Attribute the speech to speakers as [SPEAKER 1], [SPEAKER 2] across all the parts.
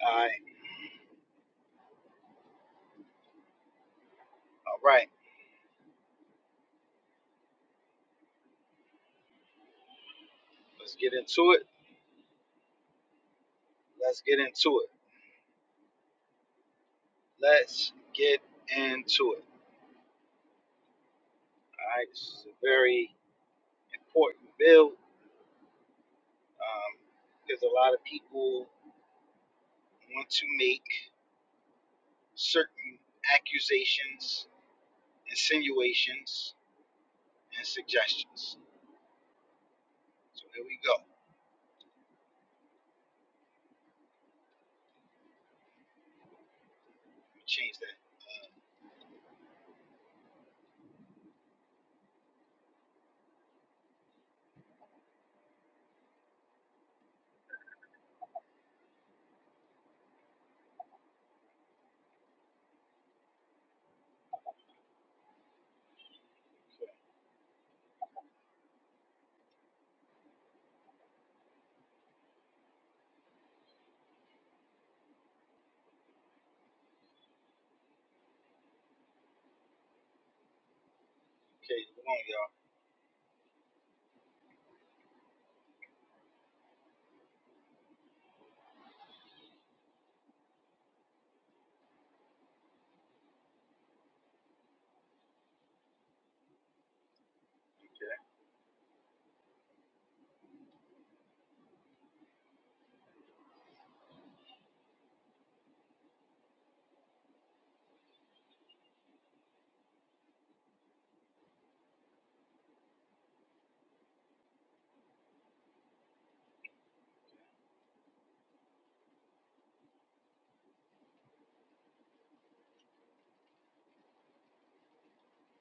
[SPEAKER 1] All right. All right. Let's get into it. Let's get into it. Let's get into it. All right. This is a very important bill um, because a lot of people want to make certain accusations, insinuations, and suggestions. So here we go. Let me change that. Okay. Come on, y'all. Okay.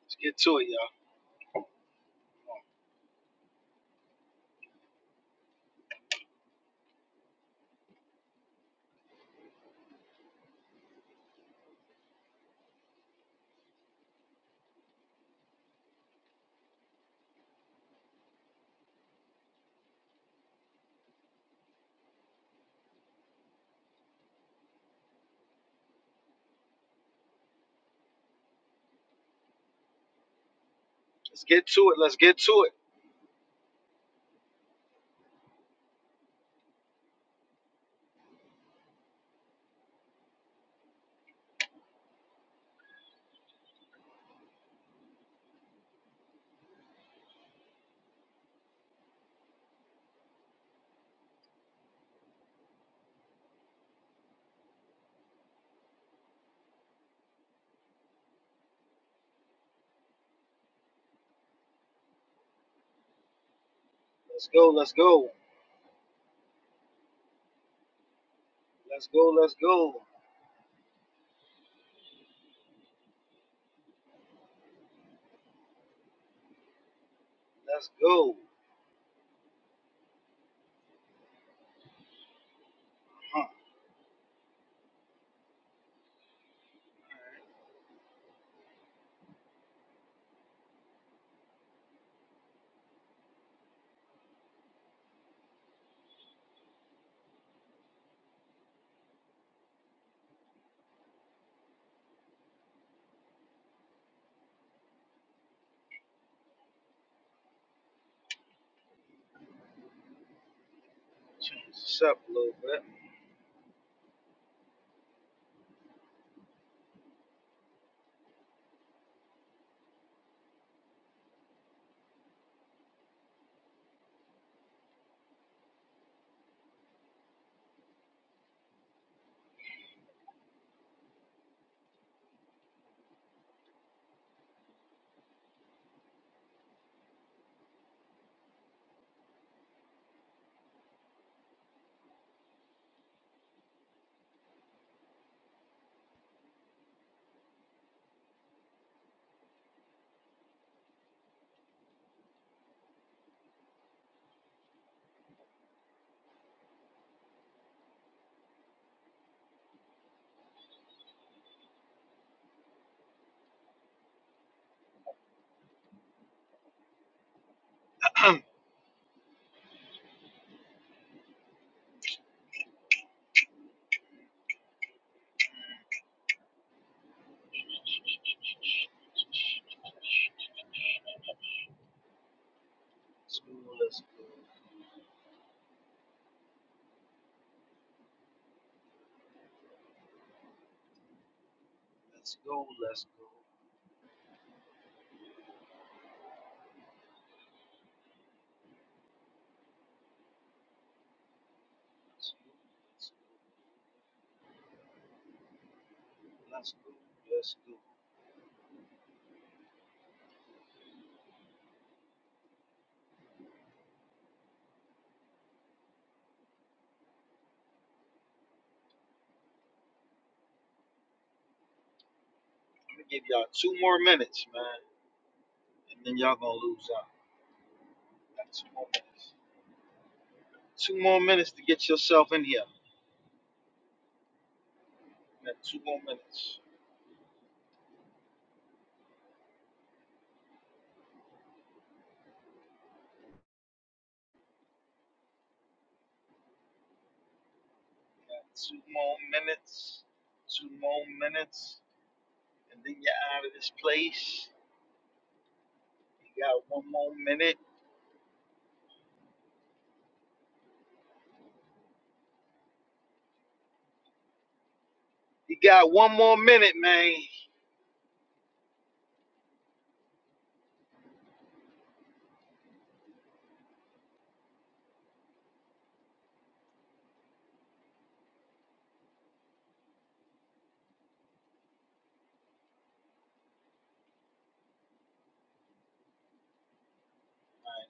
[SPEAKER 1] Let's get to it, y'all. Let's get to it. Let's get to it. Let's go. Let's go. Let's go. Let's go. Let's go. Huh. Change this up a little bit. let's go, let's go, let's go, let's go, let's go, let's go, let's go, let's go. I'm gonna give y'all two more minutes, man, and then y'all gonna lose out. Got two more minutes. Two more minutes to get yourself in here. Got two more minutes. Got two more minutes. Two more minutes, and then you're out of this place. You got one more minute. You got one more minute, man. All right,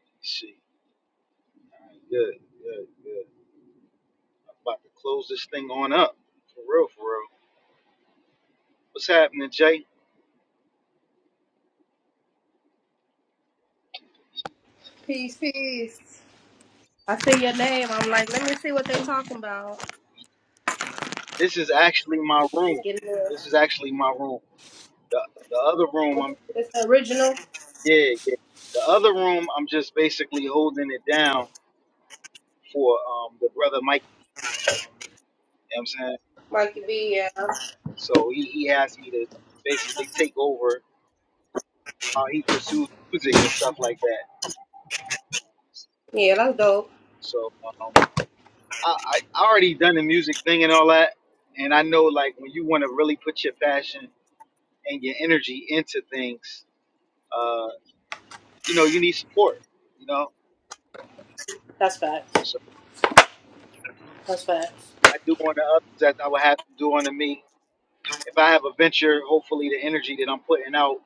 [SPEAKER 1] let me see. All right, good, good, good. I'm about to close this thing on up. For real, for real. What's happening, Jay?
[SPEAKER 2] Peace, peace. I see your name. I'm like, let me see what they are talking about.
[SPEAKER 1] This is actually my
[SPEAKER 2] You Just
[SPEAKER 1] room.
[SPEAKER 2] get it up.
[SPEAKER 1] This is actually my room. The the other room I'm
[SPEAKER 2] It's the original.
[SPEAKER 1] yeah, yeah. The other room I'm just basically holding it down for um the brother Mike, you know what I'm saying?
[SPEAKER 2] Mikey B, yeah.
[SPEAKER 1] So he, he asked me to basically take over how he pursues music and stuff like that.
[SPEAKER 2] Yeah, that's dope.
[SPEAKER 1] So um I, I I already done the music thing and all that. And I know like when you want to really put your passion and your energy into things, uh, you know, you need support. You know,
[SPEAKER 2] That's facts.
[SPEAKER 1] so
[SPEAKER 2] That's facts.
[SPEAKER 1] I do unto others that I would have to do unto me. If I have a venture, hopefully the energy that I'm putting out,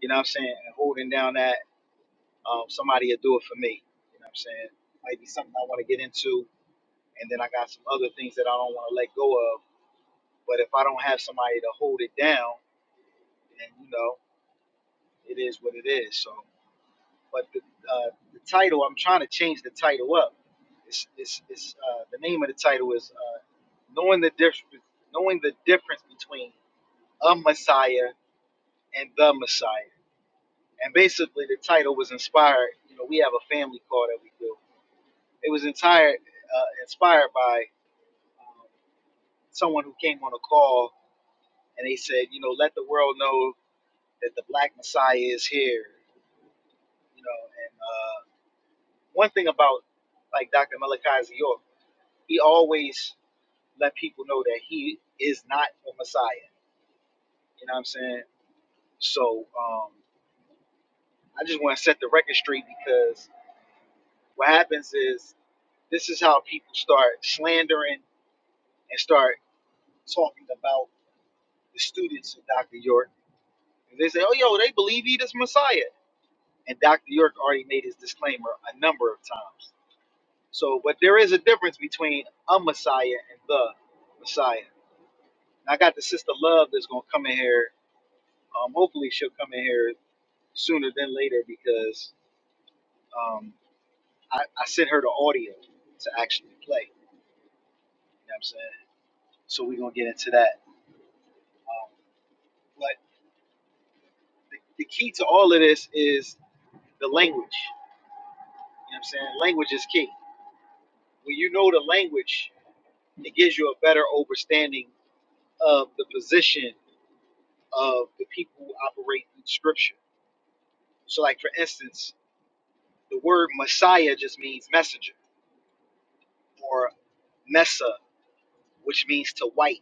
[SPEAKER 1] you know what I'm saying, and holding down that, um, somebody will do it for me. You know what I'm saying? Might be something I want to get into, and then I got some other things that I don't want to let go of. But if I don't have somebody to hold it down, then, you know, it is what it is. So but the, uh, the title I'm trying to change the title up. It's, it's, it's uh, the name of the title is uh, knowing the difference knowing the difference between a Messiah and the Messiah. And basically, the title was inspired. You know, we have a family call that we do. It was entire uh, inspired by um, someone who came on a call and they said, you know, let the world know that the Black Messiah is here. You know, and uh, one thing about like Dr. Malachi York He always let people know that he is not the Messiah. You know what I'm saying? So um, I just want to set the record straight because what happens is this is how people start slandering and start talking about the students of Dr. York. And they say, oh, yo, they believe he is Messiah. And Dr. York already made his disclaimer a number of times. So, but there is a difference between a Messiah and the Messiah. And I got the sister Love that's going to come in here Um, hopefully she'll come in here sooner than later because um, I, I sent her the audio to actually play. You know what I'm saying? So we're gonna get into that. Um, but the, the key to all of this is the language. You know what I'm saying? Language is key. When you know the language, it gives you a better understanding of the position of the people who operate in scripture. So like for instance, the word Messiah just means messenger or Messa, which means to white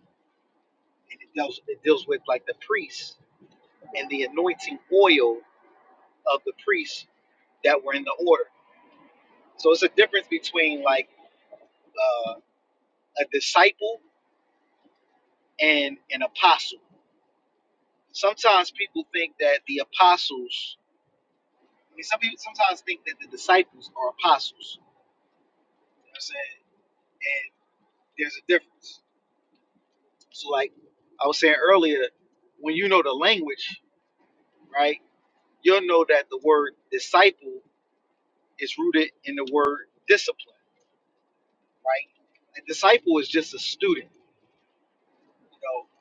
[SPEAKER 1] and it deals it deals with like the priests and the anointing oil of the priests that were in the order. So it's a difference between like uh, a disciple and an apostle. Sometimes people think that the apostles. I mean, some people sometimes think that the disciples are apostles. You know what I'm saying? And there's a difference. So like I was saying earlier, when you know the language, right, you'll know that the word disciple is rooted in the word discipline right? A disciple is just a student, you know,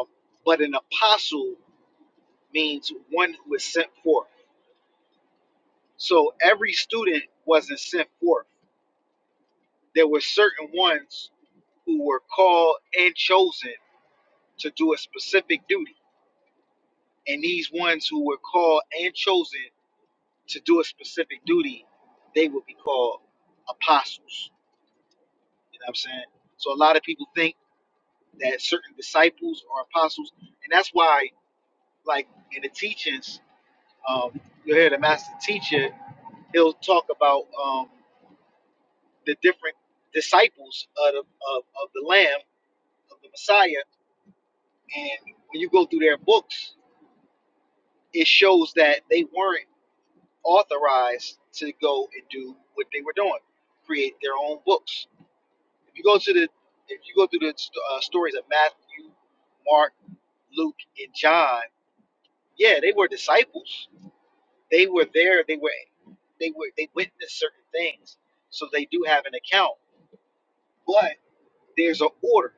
[SPEAKER 1] um, but an apostle means one who is sent forth. So every student wasn't sent forth. There were certain ones who were called and chosen to do a specific duty. And these ones who were called and chosen to do a specific duty, they would be called apostles. You know what I'm saying? So a lot of people think that certain disciples are apostles. And that's why, like in the teachings, Um, you'll hear the master teacher, he'll talk about um, the different disciples of, the, of, of the Lamb, of the Messiah. And when you go through their books, it shows that they weren't authorized to go and do what they were doing, create their own books. If you go to the, if you go through the uh, stories of Matthew, Mark, Luke, and John, yeah, they were disciples. They were there. They were, they were, they witnessed certain things. So they do have an account But there's an order,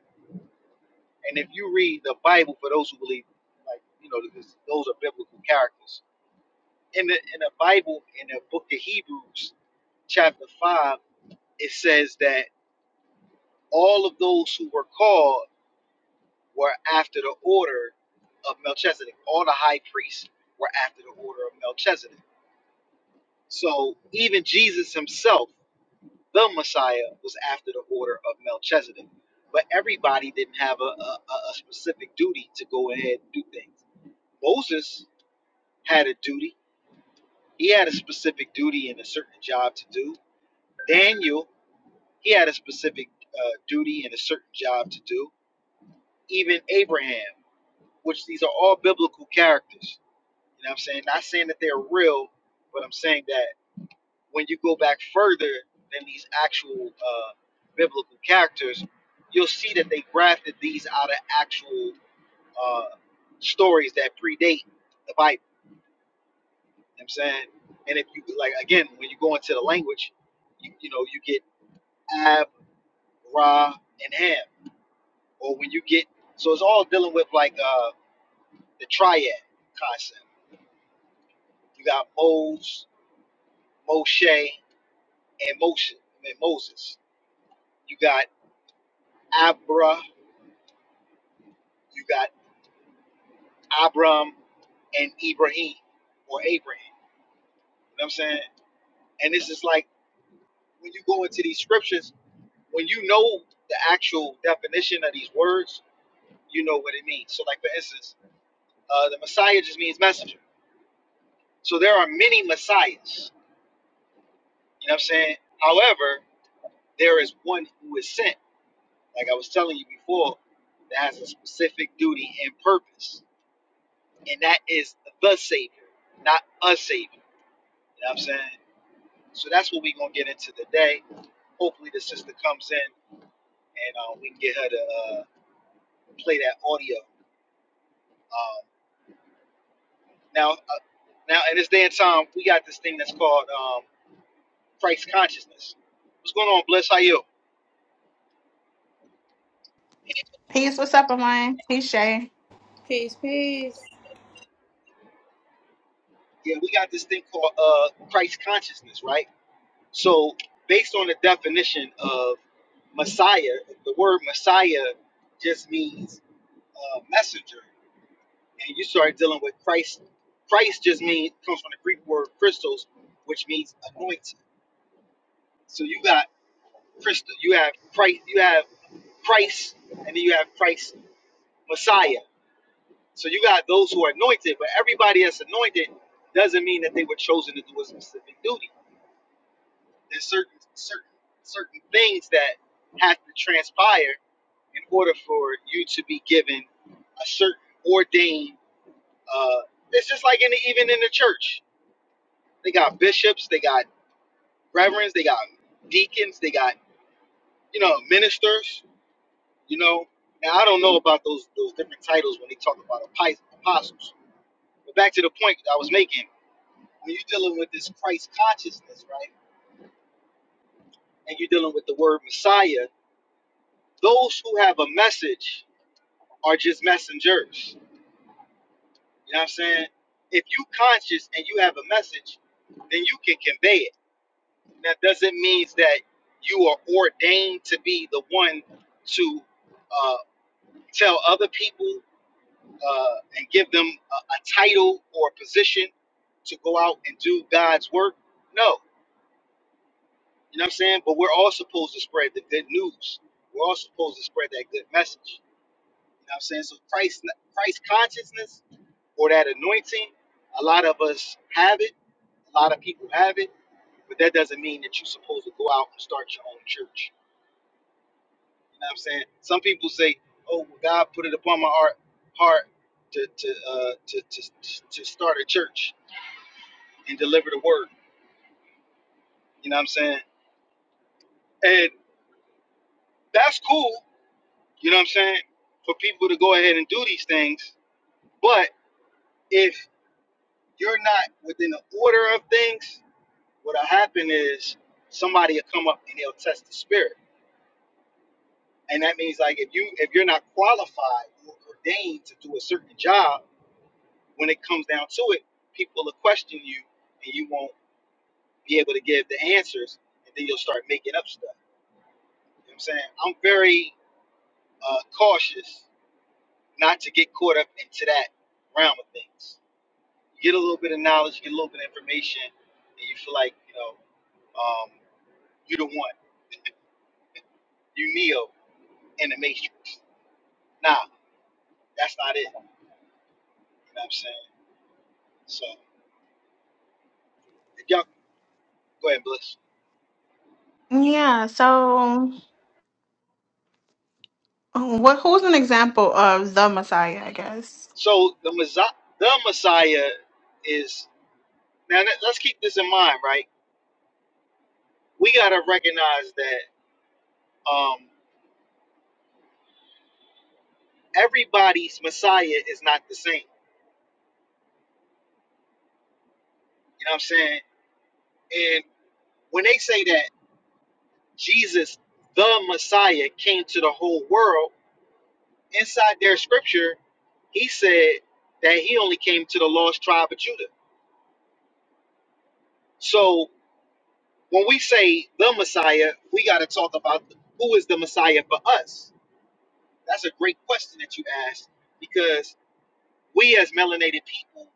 [SPEAKER 1] and if you read the Bible, for those who believe, like you know, because those are biblical characters in the in the Bible, in the book of Hebrews, chapter five, it says that all of those who were called were after the order of Melchizedek. All the high priests were after the order of Melchizedek. So even Jesus himself. the Messiah was after the order of Melchizedek. But everybody didn't have a, a, a specific duty to go ahead and do things. Moses had a duty. He had a specific duty and a certain job to do. Daniel, he had a specific uh, duty and a certain job to do. Even Abraham, which these are all biblical characters. You know what I'm saying? Not saying that they're real, but I'm saying that. when you go back further than these actual uh, biblical characters, you'll see that they grafted these out of actual uh, stories that predate the Bible. You know what I'm saying, and if you like, again, when you go into the language, you, you know, you get Ab, Ra, and Ham, or when you get so it's all dealing with like uh, the triad concept. You got Mose, Moshe, and Moshe, I mean, Moses. You got Abra, you got Abram and Ibrahim or Abraham. You know what I'm saying? And this is like when you go into these scriptures, when you know the actual definition of these words, you know what it means. So, like for instance, uh, the Messiah just means messenger. So there are many messiahs. You know what I'm saying? However, there is one who is sent, like I was telling you before, that has a specific duty and purpose, and that is the Savior, not a Savior. You know what I'm saying? So that's what we're gonna get into today. Hopefully, the sister comes in and uh, we can get her to uh, play that audio. Um, now, uh, now in this day and time, we got this thing that's called um, Christ consciousness. What's going on, Bliss? How you?
[SPEAKER 3] Peace, what's up, Amine? Peace, Shay.
[SPEAKER 2] Peace, peace.
[SPEAKER 1] Yeah, we got this thing called uh, Christ consciousness, right? So, based on the definition of Messiah, the word Messiah just means uh, messenger and you start dealing with Christ. Christ just means comes from the Greek word Christos, which means anointed. So you got Christ, you have Christ, you have Christ, and then you have Christ Messiah. So you got those who are anointed, but everybody that's anointed doesn't mean that they were chosen to do a specific duty. There's certain certain certain things that have to transpire in order for you to be given a certain ordained. Uh, it's just like in the, even in the church. They got bishops, they got reverends, they got deacons, they got you know ministers. You know, now I don't know about those those different titles when they talk about api- apostles. But back to the point that I was making, when you're dealing with this Christ consciousness, right, and you're dealing with the word Messiah, those who have a message are just messengers. You know what I'm saying? If you conscious and you have a message, then you can convey it That doesn't mean that you are ordained to be the one to uh, tell other people uh, and give them a, a title or a position to go out and do God's work. No, you know what I'm saying? But we're all supposed to spread the good news. We're all supposed to spread that good message. You know what I'm saying? So Christ, Christ consciousness or that anointing, a lot of us have it. A lot of people have it, but that doesn't mean that you're supposed to go out and start your own church. You know what I'm saying? Some people say, "Oh, well, God put it upon my heart, heart to to uh, to, to to start a church and deliver the word." You know what I'm saying? And that's cool. You know what I'm saying? For people to go ahead and do these things, but if you're not within the order of things, what'll happen is somebody will come up and they'll test the spirit, and that means like if you if you're not qualified or ordained to do a certain job when it comes down to it, people will question you and you won't be able to give the answers and then you'll start making up stuff. You know what I'm saying? I'm very uh, cautious not to get caught up into that realm of things. You get a little bit of knowledge, you get a little bit of information, and you feel like, you know, um, you're the one, you Neo in the Matrix. Nah, that's not it. You know what I'm saying? So, if y'all go ahead, Bliss.
[SPEAKER 3] Yeah, so what, who's an example of the Messiah, I guess?
[SPEAKER 1] So, the, Messiah, the Messiah is Now let- let's keep this in mind, right? We gotta recognize that um, everybody's Messiah is not the same. You know what I'm saying? And when they say that Jesus, the Messiah, came to the whole world, inside their scripture, he said that he only came to the lost tribe of Judah. So when we say the Messiah, we gotta talk about who is the Messiah for us. That's a great question that you asked because we as melanated people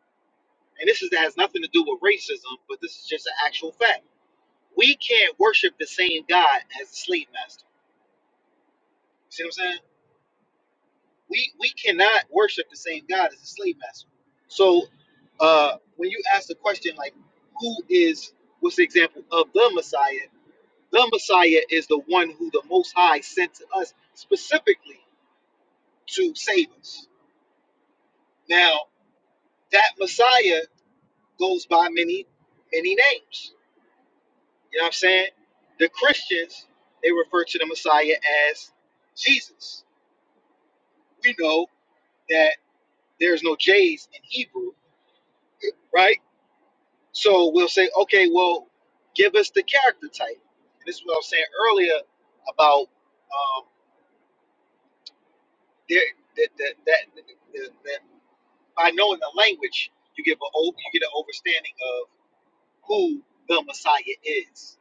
[SPEAKER 1] and this is that has nothing to do with racism, but this is just an actual fact. We can't worship the same God as the slave master. You see what I'm saying? We we cannot worship the same God as the slave master. So uh when you ask the question like who is what's the example of the Messiah? The Messiah is the one who the most high sent to us specifically to save us. Now that Messiah goes by many, many names. You know what I'm saying? The Christians, they refer to the Messiah as Jesus. We know that there's no J's in Hebrew, right? So we'll say, okay, well, give us the character type. And this is what I was saying earlier about um, there, that, that, that, that, that by knowing the language, you give a o- you get an understanding of who the Messiah is.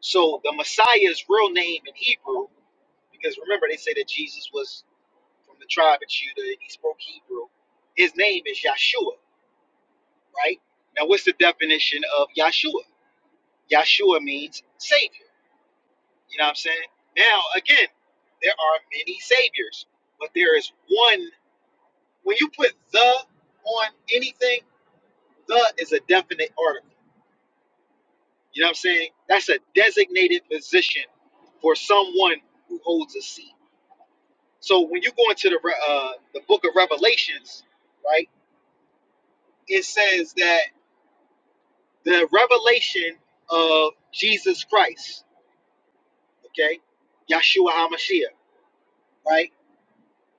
[SPEAKER 1] So the Messiah's real name in Hebrew, because remember they say that Jesus was from the tribe of Judah, he spoke Hebrew. His name is Yahshua, right? Now, what's the definition of Yahshua? Yahshua means Savior. You know what I'm saying? Now, again, there are many Saviors, but there is one. When you put the on anything, the is a definite article. You know what I'm saying? That's a designated position for someone who holds a seat. So when you go into the Re- uh, the book of Revelations, right? It says that the revelation of Jesus Christ, okay, Yahshua Hamashiach, right,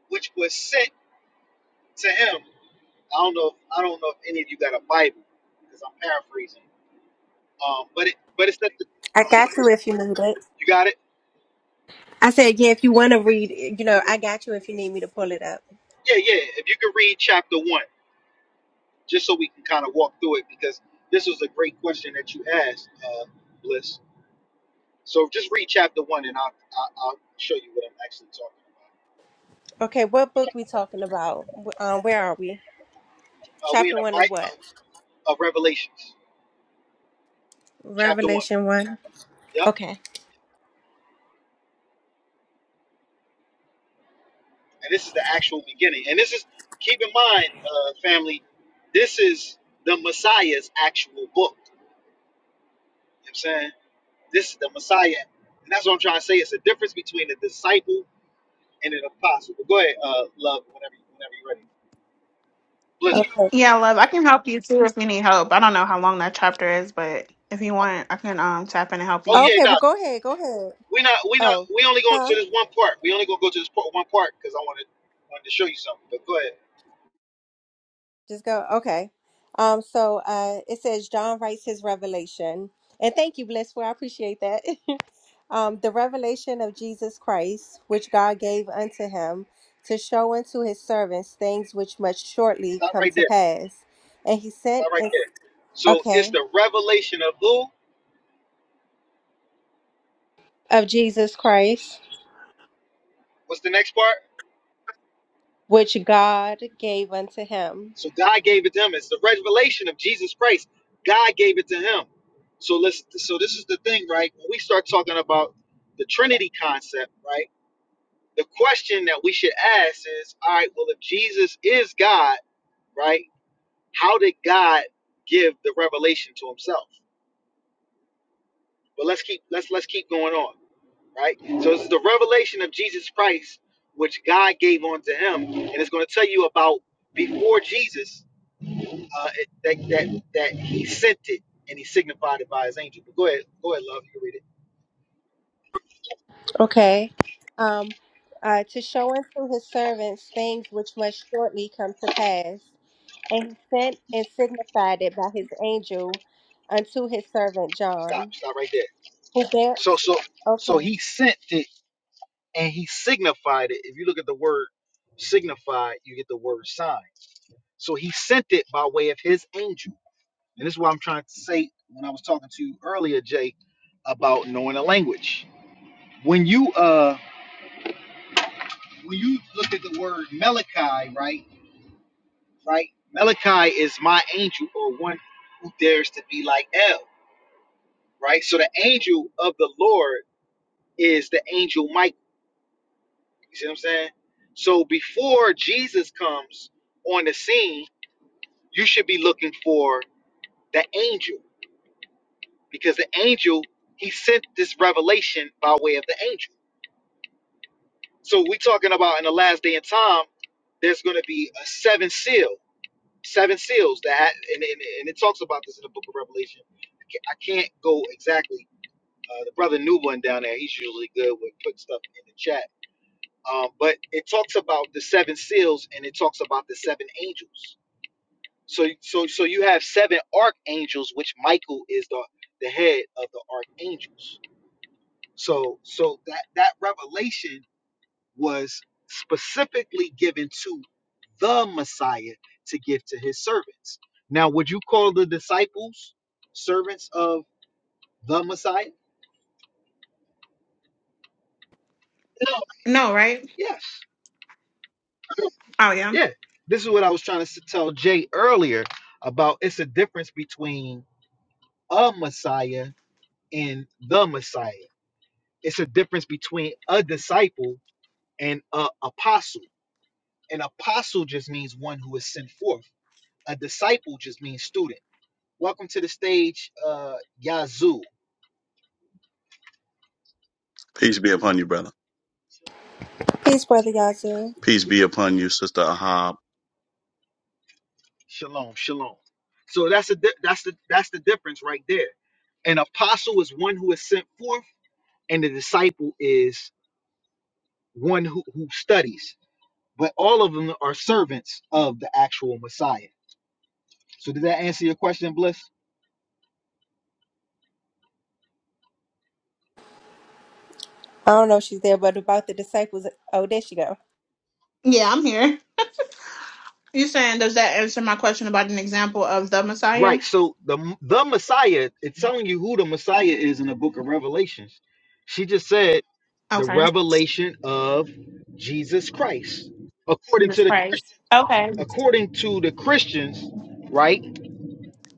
[SPEAKER 1] which was sent to him. I don't know. If, I don't know if any of you got a Bible because I'm paraphrasing. Um, but it, but it's that the,
[SPEAKER 4] I got you
[SPEAKER 1] you
[SPEAKER 4] if you need it.
[SPEAKER 1] got it.
[SPEAKER 4] I said, yeah, if you want to read, you know, I got you if you need me to pull it up.
[SPEAKER 1] Yeah, yeah. If you could read chapter one, just so we can kind of walk through it, because this was a great question that you asked, uh, Bliss. So just read chapter one, and I'll, I'll, I'll show you what I'm actually talking
[SPEAKER 4] Okay, what book we talking about? Wh- Um, where are we?
[SPEAKER 1] about. Uh, we in
[SPEAKER 4] Chapter
[SPEAKER 1] a
[SPEAKER 4] one of
[SPEAKER 1] fight
[SPEAKER 4] what?
[SPEAKER 1] of Revelations, chapter one.
[SPEAKER 4] Revelation one.
[SPEAKER 1] Yep.
[SPEAKER 4] Okay.
[SPEAKER 1] and this is the actual beginning. And this is keep in mind, uh, family, this is the Messiah's actual book. You know what I'm saying this is the Messiah, and that's what I'm trying to say. It's the difference between a disciple and an apostle. But go ahead, uh, love, whenever whenever you're ready. Blizzard.
[SPEAKER 4] Okay.
[SPEAKER 3] Yeah, love, I can help you too if you need help. I don't know how long that chapter is, but if you want, I can um tap in and help
[SPEAKER 1] Oh
[SPEAKER 3] you.
[SPEAKER 1] yeah,
[SPEAKER 4] Okay.
[SPEAKER 1] no,
[SPEAKER 4] Well, go ahead. Go ahead.
[SPEAKER 1] we not we not
[SPEAKER 4] Oh,
[SPEAKER 1] we only going to
[SPEAKER 4] huh?
[SPEAKER 1] this one part. We only gonna go to this part, one part because I wanted wanted to show you something. But go ahead,
[SPEAKER 4] Just go. Okay. Um. So, uh, it says John writes his revelation, and thank you, Blissful. I appreciate that. Um, the revelation of Jesus Christ, which God gave unto him to show unto his servants things which must shortly
[SPEAKER 1] stop
[SPEAKER 4] come
[SPEAKER 1] right
[SPEAKER 4] to
[SPEAKER 1] there.
[SPEAKER 4] pass. And he sent,
[SPEAKER 1] Stop right
[SPEAKER 4] and,
[SPEAKER 1] there. So it's
[SPEAKER 4] okay,
[SPEAKER 1] the revelation of who?
[SPEAKER 4] of Jesus Christ,
[SPEAKER 1] What's the next part?
[SPEAKER 4] which God gave unto him.
[SPEAKER 1] So God gave it to him. It's the revelation of Jesus Christ. God gave it to him. So let's so this is the thing, right? When we start talking about the Trinity concept, right? The question that we should ask is, all right, well, if Jesus is God, right, how did God give the revelation to himself? But let's keep let's let's keep going on, right? So this is the revelation of Jesus Christ which God gave unto him, and it's going to tell you about before Jesus uh, it, that that that he sent it and he signified it by his angel. But go ahead, go ahead, love. You can read it.
[SPEAKER 4] Okay. Um, uh, to show unto his servants things which must shortly come to pass. And he sent and signified it by his angel unto his servant
[SPEAKER 1] Stop,
[SPEAKER 4] John,
[SPEAKER 1] stop right there.
[SPEAKER 4] who bare,
[SPEAKER 1] So so so
[SPEAKER 4] okay.
[SPEAKER 1] he sent it and he signified it. If you look at the word signified, you get the word sign. So he sent it by way of his angel, and this is what I'm trying to say when I was talking to you earlier, Jay, about knowing a language. When you uh when you look at the word Melikai, right, right, Melikai is my angel or one who dares to be like El. right? So the angel of the Lord is the angel Michael. You see what I'm saying? So before Jesus comes on the scene, you should be looking for the angel because the angel he sent this revelation by way of the angel. So we talking about in the last day and time, there's going to be a seven seal, seven seals that, ha- and, and, and it talks about this in the book of Revelation. I can't I can't go exactly. Uh, the brother Newborn down there, he's usually good with putting stuff in the chat Um, but it talks about the seven seals and it talks about the seven angels. So so so you have seven archangels, which Michael is the the head of the archangels. So so that that revelation was specifically given to the Messiah to give to his servants. Now, would you call the disciples servants of the Messiah? No.
[SPEAKER 3] No, right?
[SPEAKER 1] Yes.
[SPEAKER 3] Oh, yeah.
[SPEAKER 1] Yeah. This is what I was trying to s- tell Jay earlier about it's a difference between a Messiah and the Messiah. It's a difference between a disciple and an apostle. An apostle just means one who is sent forth. A disciple just means student. Welcome to the stage, uh, Yazoo.
[SPEAKER 5] Peace be upon you, brother.
[SPEAKER 4] Peace, Brother Yazoo.
[SPEAKER 5] Peace be upon you, sister Ahab.
[SPEAKER 1] Shalom, shalom. So that's the di- that's the that's the difference right there. An apostle is one who is sent forth, and the disciple is one who, who studies. But all of them are servants of the actual Messiah. So did that answer your question, Bliss?
[SPEAKER 4] I don't know if she's there, but about the disciples. Oh, there she go.
[SPEAKER 3] Yeah, I'm here. You saying, does that answer my question about an example of the Messiah?
[SPEAKER 1] Right. So the the Messiah, it's telling you who the Messiah is in the book of Revelations. She just said the
[SPEAKER 3] Okay.
[SPEAKER 1] revelation of Jesus Christ. According
[SPEAKER 3] Jesus
[SPEAKER 1] to the
[SPEAKER 3] Christ.
[SPEAKER 1] Christian,
[SPEAKER 3] Okay.
[SPEAKER 1] according to the Christians, right?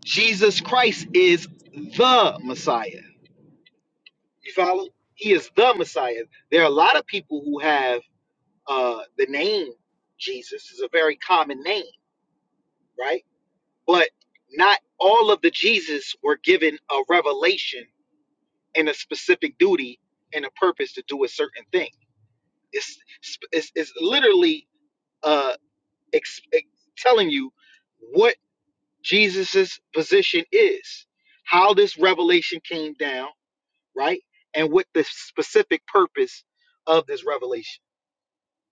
[SPEAKER 1] Jesus Christ is the Messiah. You follow? He is the Messiah. There are a lot of people who have uh the name Jesus is a very common name, right? But not all of the Jesus were given a revelation and a specific duty and a purpose to do a certain thing. It's it's, it's literally uh, ex- ex- telling you what Jesus's position is, how this revelation came down, right, and what the specific purpose of this revelation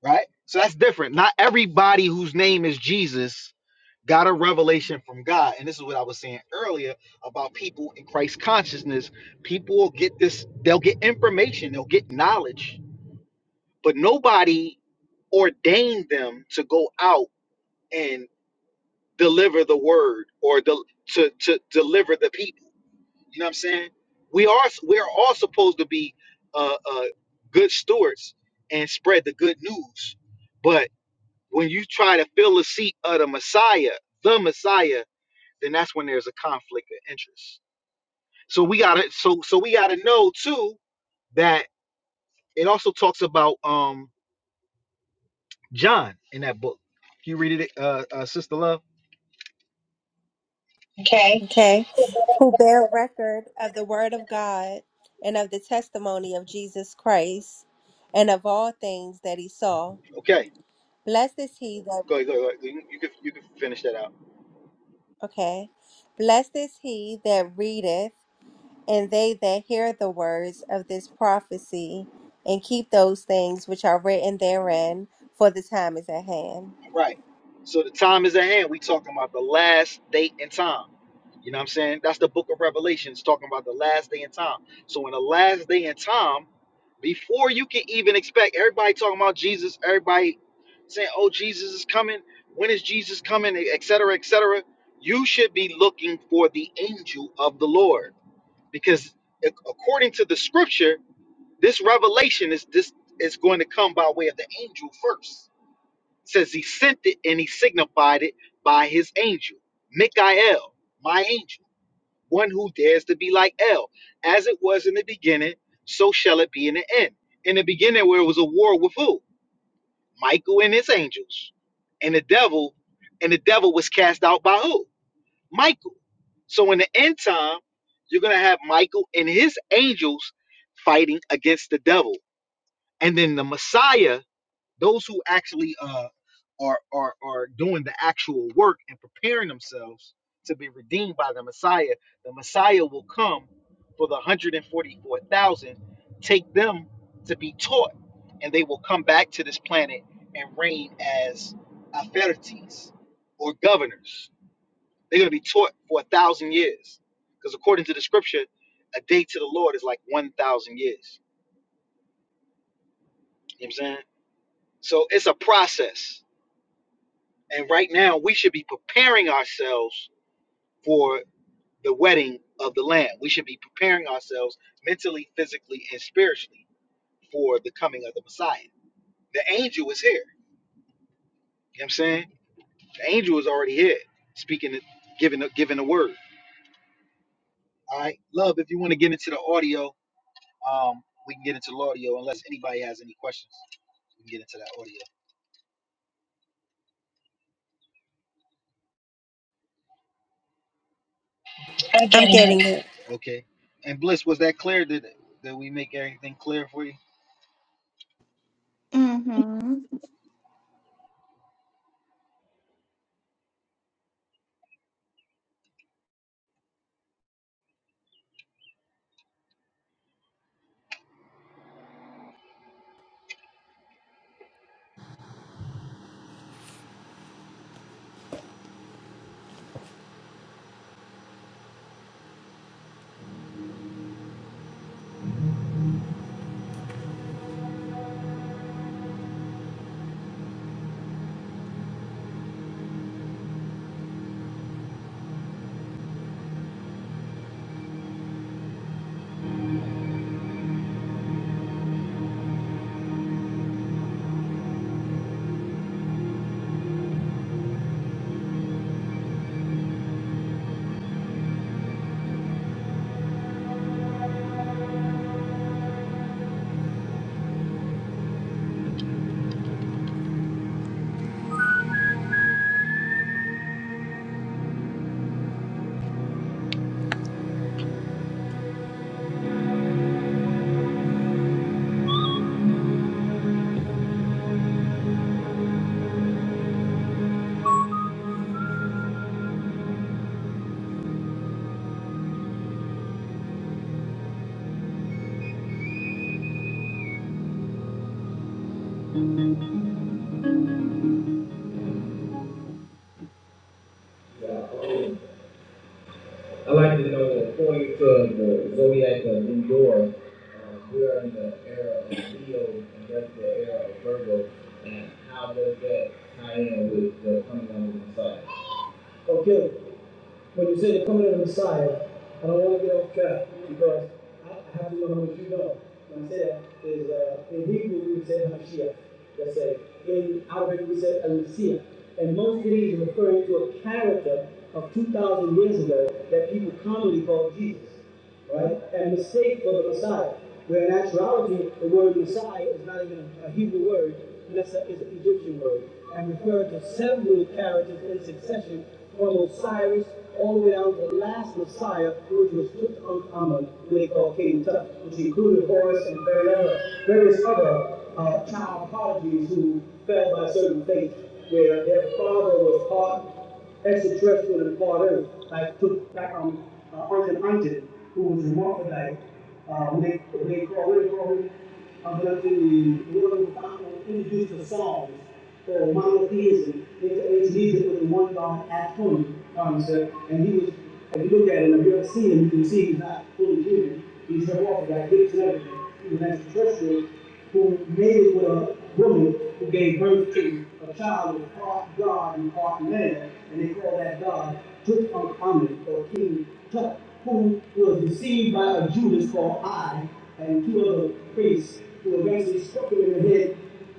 [SPEAKER 1] right? So that's different. Not everybody whose name is Jesus got a revelation from God. And this is what I was saying earlier about people in Christ consciousness. People will get this, they'll get information, they'll get knowledge, but nobody ordained them to go out and deliver the word or del- to, to deliver the people. You know what I'm saying? We are we are all supposed to be uh, uh, good stewards and spread the good news, but when you try to fill the seat of the Messiah, the Messiah, then that's when there's a conflict of interest. So we gotta so so we gotta know too that it also talks about um John in that book. Can you read it, uh, uh Sister Love? Okay.
[SPEAKER 4] Okay. Who bear record of the word of God and of the testimony of Jesus Christ and of all things that he saw.
[SPEAKER 1] Okay,
[SPEAKER 4] Blessed is he that,
[SPEAKER 1] go ahead, go ahead. Go ahead. You, you can you can finish that out.
[SPEAKER 4] okay. Blessed is he that readeth and they that hear the words of this prophecy and keep those things which are written therein, for the time is at hand.
[SPEAKER 1] Right. So the time is at hand. We talking about the last date and time. You know what I'm saying? That's the book of Revelations talking about the last day and time. So in the last day and time, before you can even expect everybody talking about Jesus, everybody saying, Oh, Jesus is coming, when is Jesus coming, et cetera, et cetera. You should be looking for the angel of the Lord. Because ac- according to the scripture, this revelation is this is going to come by way of the angel first says he sent it and he signified it by his angel, Michael, my angel, one who dares to be like El. As it was in the beginning, so shall it be in the end. In the beginning, where it was a war with who? Michael and his angels. And the devil, and the devil was cast out by who? Michael. So in the end time, you're gonna have Michael and his angels fighting against the devil. And then the Messiah those who actually uh, are are are doing the actual work and preparing themselves to be redeemed by the Messiah. The Messiah will come for the 144,000, take them to be taught, and they will come back to this planet and reign as authorities or governors. They're going to be taught for a thousand years, because according to the scripture, a day to the Lord is like 1,000 years. You know what I'm saying? So it's a process And right now, we should be preparing ourselves for the wedding of the Lamb. We should be preparing ourselves mentally, physically, and spiritually for the coming of the Messiah. The angel is here. You know what I'm saying? The angel is already here, speaking, giving, the- giving the word. All right, love. If you want to get into the audio, um, we can get into the audio. Unless anybody has any questions, we can get into that audio. I'm
[SPEAKER 4] I'm
[SPEAKER 1] getting it.
[SPEAKER 4] getting it.
[SPEAKER 1] Okay. And Bliss, was that clear? Did did we make everything clear for you?
[SPEAKER 3] Mm-hmm.
[SPEAKER 4] I'd like to know, the according to the zodiac of New York, uh, we are in the era of Leo and that's the era of Virgo. And how does that tie in with the coming of the Messiah? Okay, when you say the coming of the Messiah, I don't want to get off track because I have to know how much you know. When I say that is uh, in Hebrew we would say Hamashiach. Let's say in Arabic we say Al-Messiah. And most of these are referring to a character of 2,000 years ago that people commonly call Jesus right? And mistake for the Messiah. Where in actuality, the word Messiah is not even a Hebrew word, it's, it's an Egyptian word, and referring to several characters in succession from Osiris all the way down to the last Messiah, which was Tutankhamun, who they call King Tut, which included Horus and very others various other uh, child prodigies who fell by certain fate, where their father was part extraterrestrial and part earth, like took like um uh, Uncle Uncle, who was a Hermaphrodite. Uh, when they when they call him uh, but in the world of God introduced the Psalms, the monotheism, into his music with the one God atom concept. And he was, if you look at him, if you ever see him, you can see he's not fully human. He's anthropomorphic, like hips and everything. He was an extraterrestrial, who mated with a woman who gave birth to a child who was part God and part man, and they call that God Tutankhamun or King Tut, who was deceived by a Judas called I and two other priests who eventually struck him in the head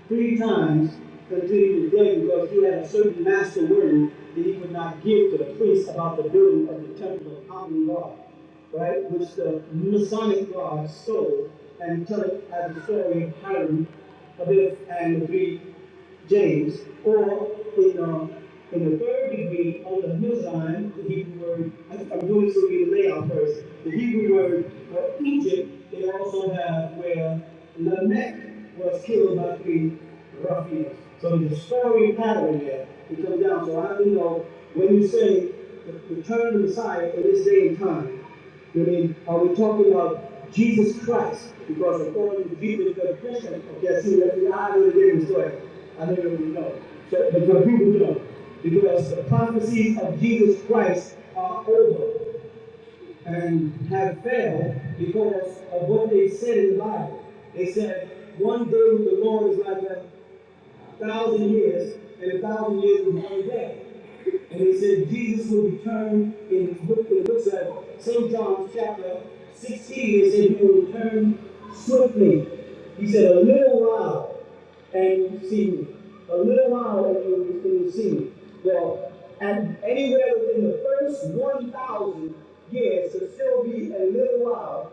[SPEAKER 4] three times until he was dead because he had a certain master word that he would not give to the priests about the building of the temple of Amun God, right? Which the Masonic God stole and Turk as a soaring harem, Abyss and Greek James, or in, a in the third degree on the hillside, the Hebrew word, I am doing this so in the layout first, the Hebrew word for Egypt, they also have where Lamech was killed by three ruffians. So the story pattern there. It comes down. So I have to know when you say the return of the Messiah in this day and time, I mean, are we talking about Jesus Christ? Because according to Jesus, the Christian, okay, see, let me, I know the day game story. I know really know. So, but the people know. Because the prophecies of Jesus Christ are over and have failed because of what they said in the Bible. They said, one day with the Lord is like a thousand years, and a thousand years is one day. And it said Jesus will return in what it looks like St. John chapter 16. It said he will return swiftly. He said a little while and you see me. A little while and you and you see me. Well, and anywhere within the first 1,000 years it'll still be a little while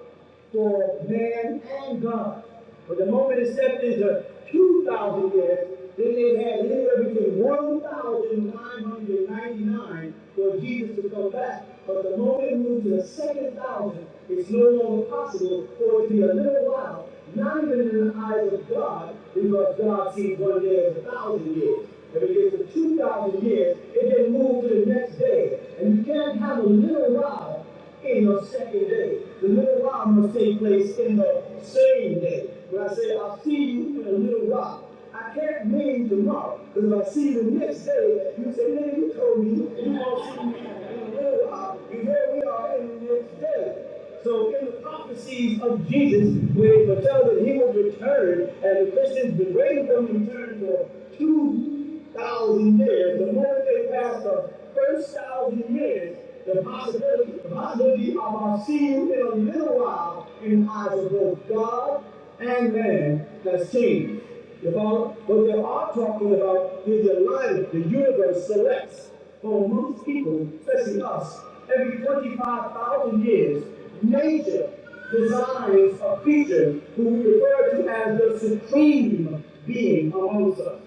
[SPEAKER 4] for man and God. But the moment it stepped into 2,000 years, then they had anywhere between 1,999 for Jesus to come back. But the moment it moved to the second thousand, it's no longer possible for it to be a little while, not even in the eyes of God, because God sees one day as a thousand years. If it gets to 2,000 years, it then moves to the next day. And you can't have a little while in your second day. The little while must take place in the same day. When I say I'll see you in a little while, I can't mean tomorrow. Because if I see you the next day, you say, man, you told me you won't see me in a little while. And here we are in the next day. So in the prophecies of Jesus, we were told that he would return, and the Christians been waiting for him to return for 2,000 years. The moment they passed the first 1,000 years, the possibility, the possibility of our seeing you in a little while in the eyes of both God and man has changed. About what they are talking about is the alignment the universe selects for most people, especially us. Every 25,000 years, nature designs a creature who we refer to as the supreme being amongst us.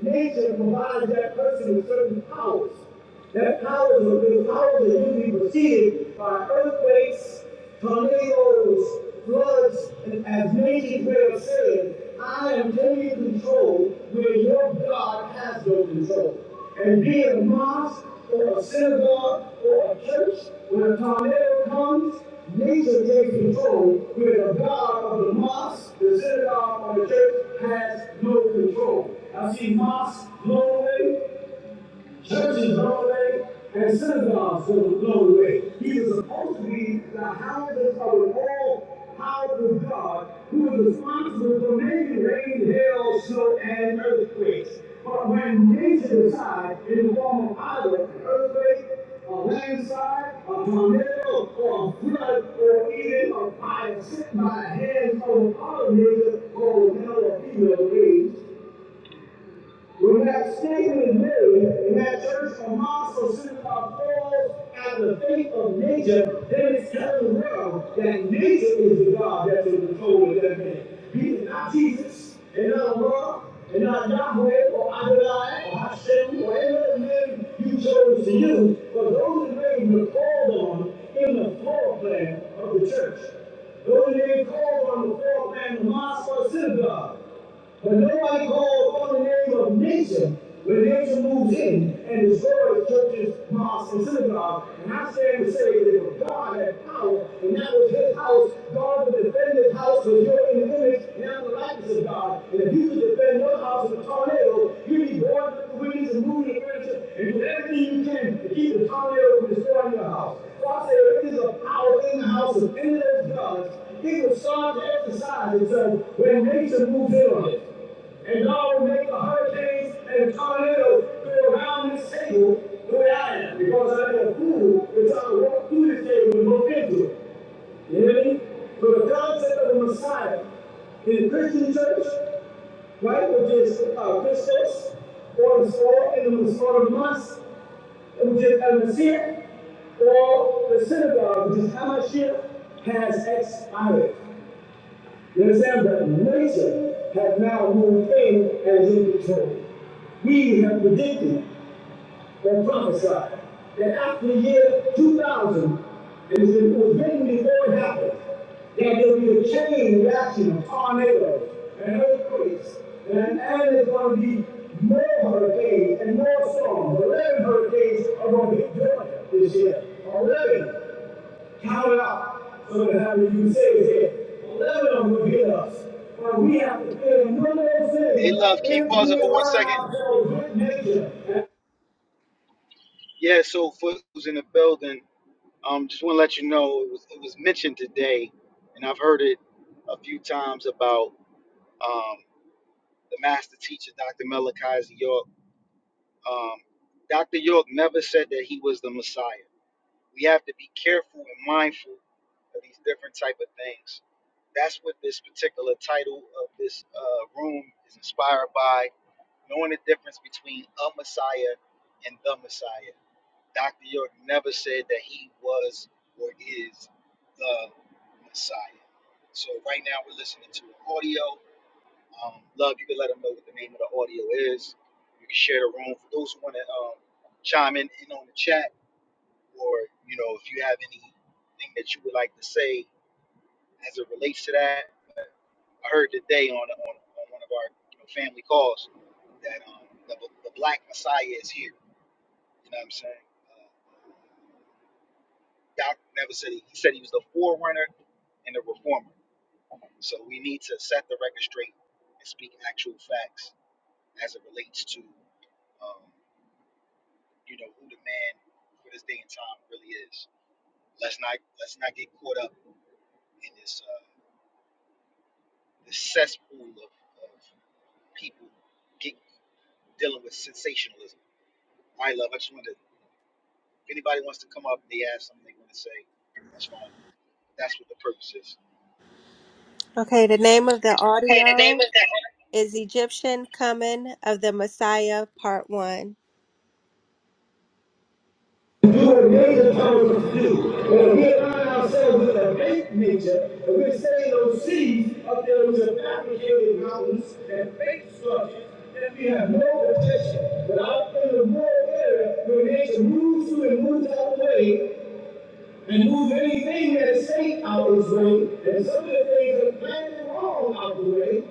[SPEAKER 4] Nature provides that person with certain powers. That power has been power that usually preceded by earthquakes, tornadoes, floods, and as Nancy Prayer said, I am taking control where your God has no control. And be it a mosque or a synagogue or a church, when a tornado comes, nature takes control where the God of the mosque, the synagogue, or the church has no control. I see mosques blown away, Churches go away and synagogues will go away. He was supposed to be the houses of an all house of God who was responsible for making rain, hail, snow, and earthquakes. But when nature decides in the form of either an earthquake, a landslide, a tornado, or a flood, or even a fire sent by hands of all nature, or a male or female rage, we have stated and new in that church and mosque centered on morals out of the faith of nature, then it's telling the world that nature is the God that's in control of that man. He is not Jesus, and not God, and not Yahweh, or Adonai, or Hashem, or any other name you chose to use, but those are names were called on in the floor plan of the church. Those are names called on the floor plan of the mosque or synagogue. But nobody calls on the name of nation when nation moves in and destroys churches, mosques, and synagogues. And I stand to say that if God had power, and that was his house, God would defend his house because you're in the image and I'm the likeness of God. And if you could defend your house in a tornado, you'd be born with the winds and moving the furniture and do everything you can to keep the tornado from destroying your house. God said It is a power in the house of any that does. It was sought to exercise itself when nature moves in on it. And God will make the hurricanes and tornadoes go around this table the way I am. Because I am a fool that's trying to walk through this table and look into it. You hear me? So the concept of the Messiah in the Christian church, right, which is uh, Christus, or the Saul in the Messiah of Mass which is Al Masih, or the synagogue, which is Hamashia, has expired. You understand? that nature has now moved in as in control. We have predicted that prophesied that after the year 2000, it was written before it happened, that there will be a chain reaction of tornadoes and earthquakes, and, and there's going to be more hurricanes and more storms. 11 hurricanes are going to hit Georgia this year. 11. Count it out. So that how you can say is here, 11 of them will hit us. But we have to pay one of those
[SPEAKER 1] Hey,
[SPEAKER 4] things
[SPEAKER 1] love. Can you
[SPEAKER 4] if
[SPEAKER 1] pause it
[SPEAKER 4] we
[SPEAKER 1] for one
[SPEAKER 4] align
[SPEAKER 1] second?
[SPEAKER 4] ourselves with nature
[SPEAKER 1] Yeah, so Foot was in the building. Um, just want to let you know it was it was mentioned today, and I've heard it a few times about um, the master teacher, Dr. Melchizedek York. Um, Dr. York never said that he was the Messiah. We have to be careful and mindful of these different type of things. That's what this particular title of this uh, room is inspired by, knowing the difference between a Messiah and the Messiah. Dr. York never said that he was or is the Messiah. So right now we're listening to the audio. Um, Love, you can let them know what the name of the audio is. You can share the room for those who want to um, chime in, in on the chat, or you know if you have anything that you would like to say as it relates to that. I heard today on on, on one of our you know, family calls that um, the, the Black Messiah is here. You know what I'm saying? Uh, Doc never said he, he said he was the forerunner and the reformer. So we need to set the record straight and speak actual facts as it relates to, um, you know, who the man for this day and time really is. Let's not let's not get caught up in this uh, this cesspool of, of people get, dealing with sensationalism. All right, love. I just wanted to, if anybody wants to come up and they ask something they want to say, that's fine. That's what the purpose is.
[SPEAKER 4] Okay, the name of the
[SPEAKER 1] Okay. The name
[SPEAKER 4] audio
[SPEAKER 1] is.
[SPEAKER 4] is Egyptian Coming of the Messiah, Part 1. You were made a powers to come from you. When we align ourselves with the faith nature, and we're saying those seeds up there with the fabricated mountains and fake structures that we have no protection. But out in the rural area, where nature moves through and moves out of the way, Remove anything that is safe out of his way, and some of the things that are planned and wrong out of the way,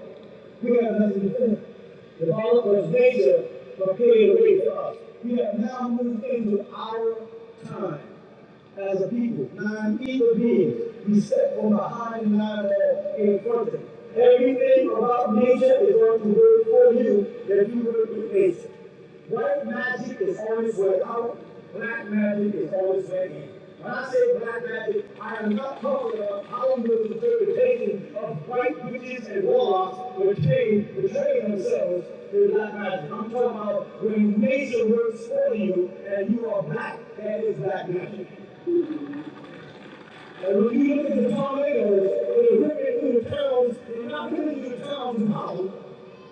[SPEAKER 4] we have nothing to fear. The Bible of nature, from clearing the way for us. We have now moved into our time as a people. Nine evil beings we set from behind and nine that in front of them. Everything about nature is going to work for you if you work with nature. White magic is always way out, black magic is always way in. When I say black magic, I am not talking about Hollywood's interpretation of white witches and warlocks betraying, betraying themselves through black magic. I'm talking about when nature works for you and you are black, that is black magic. And when you look at the tornadoes that are ripping through the towns, they're not ripping through the towns of Holland.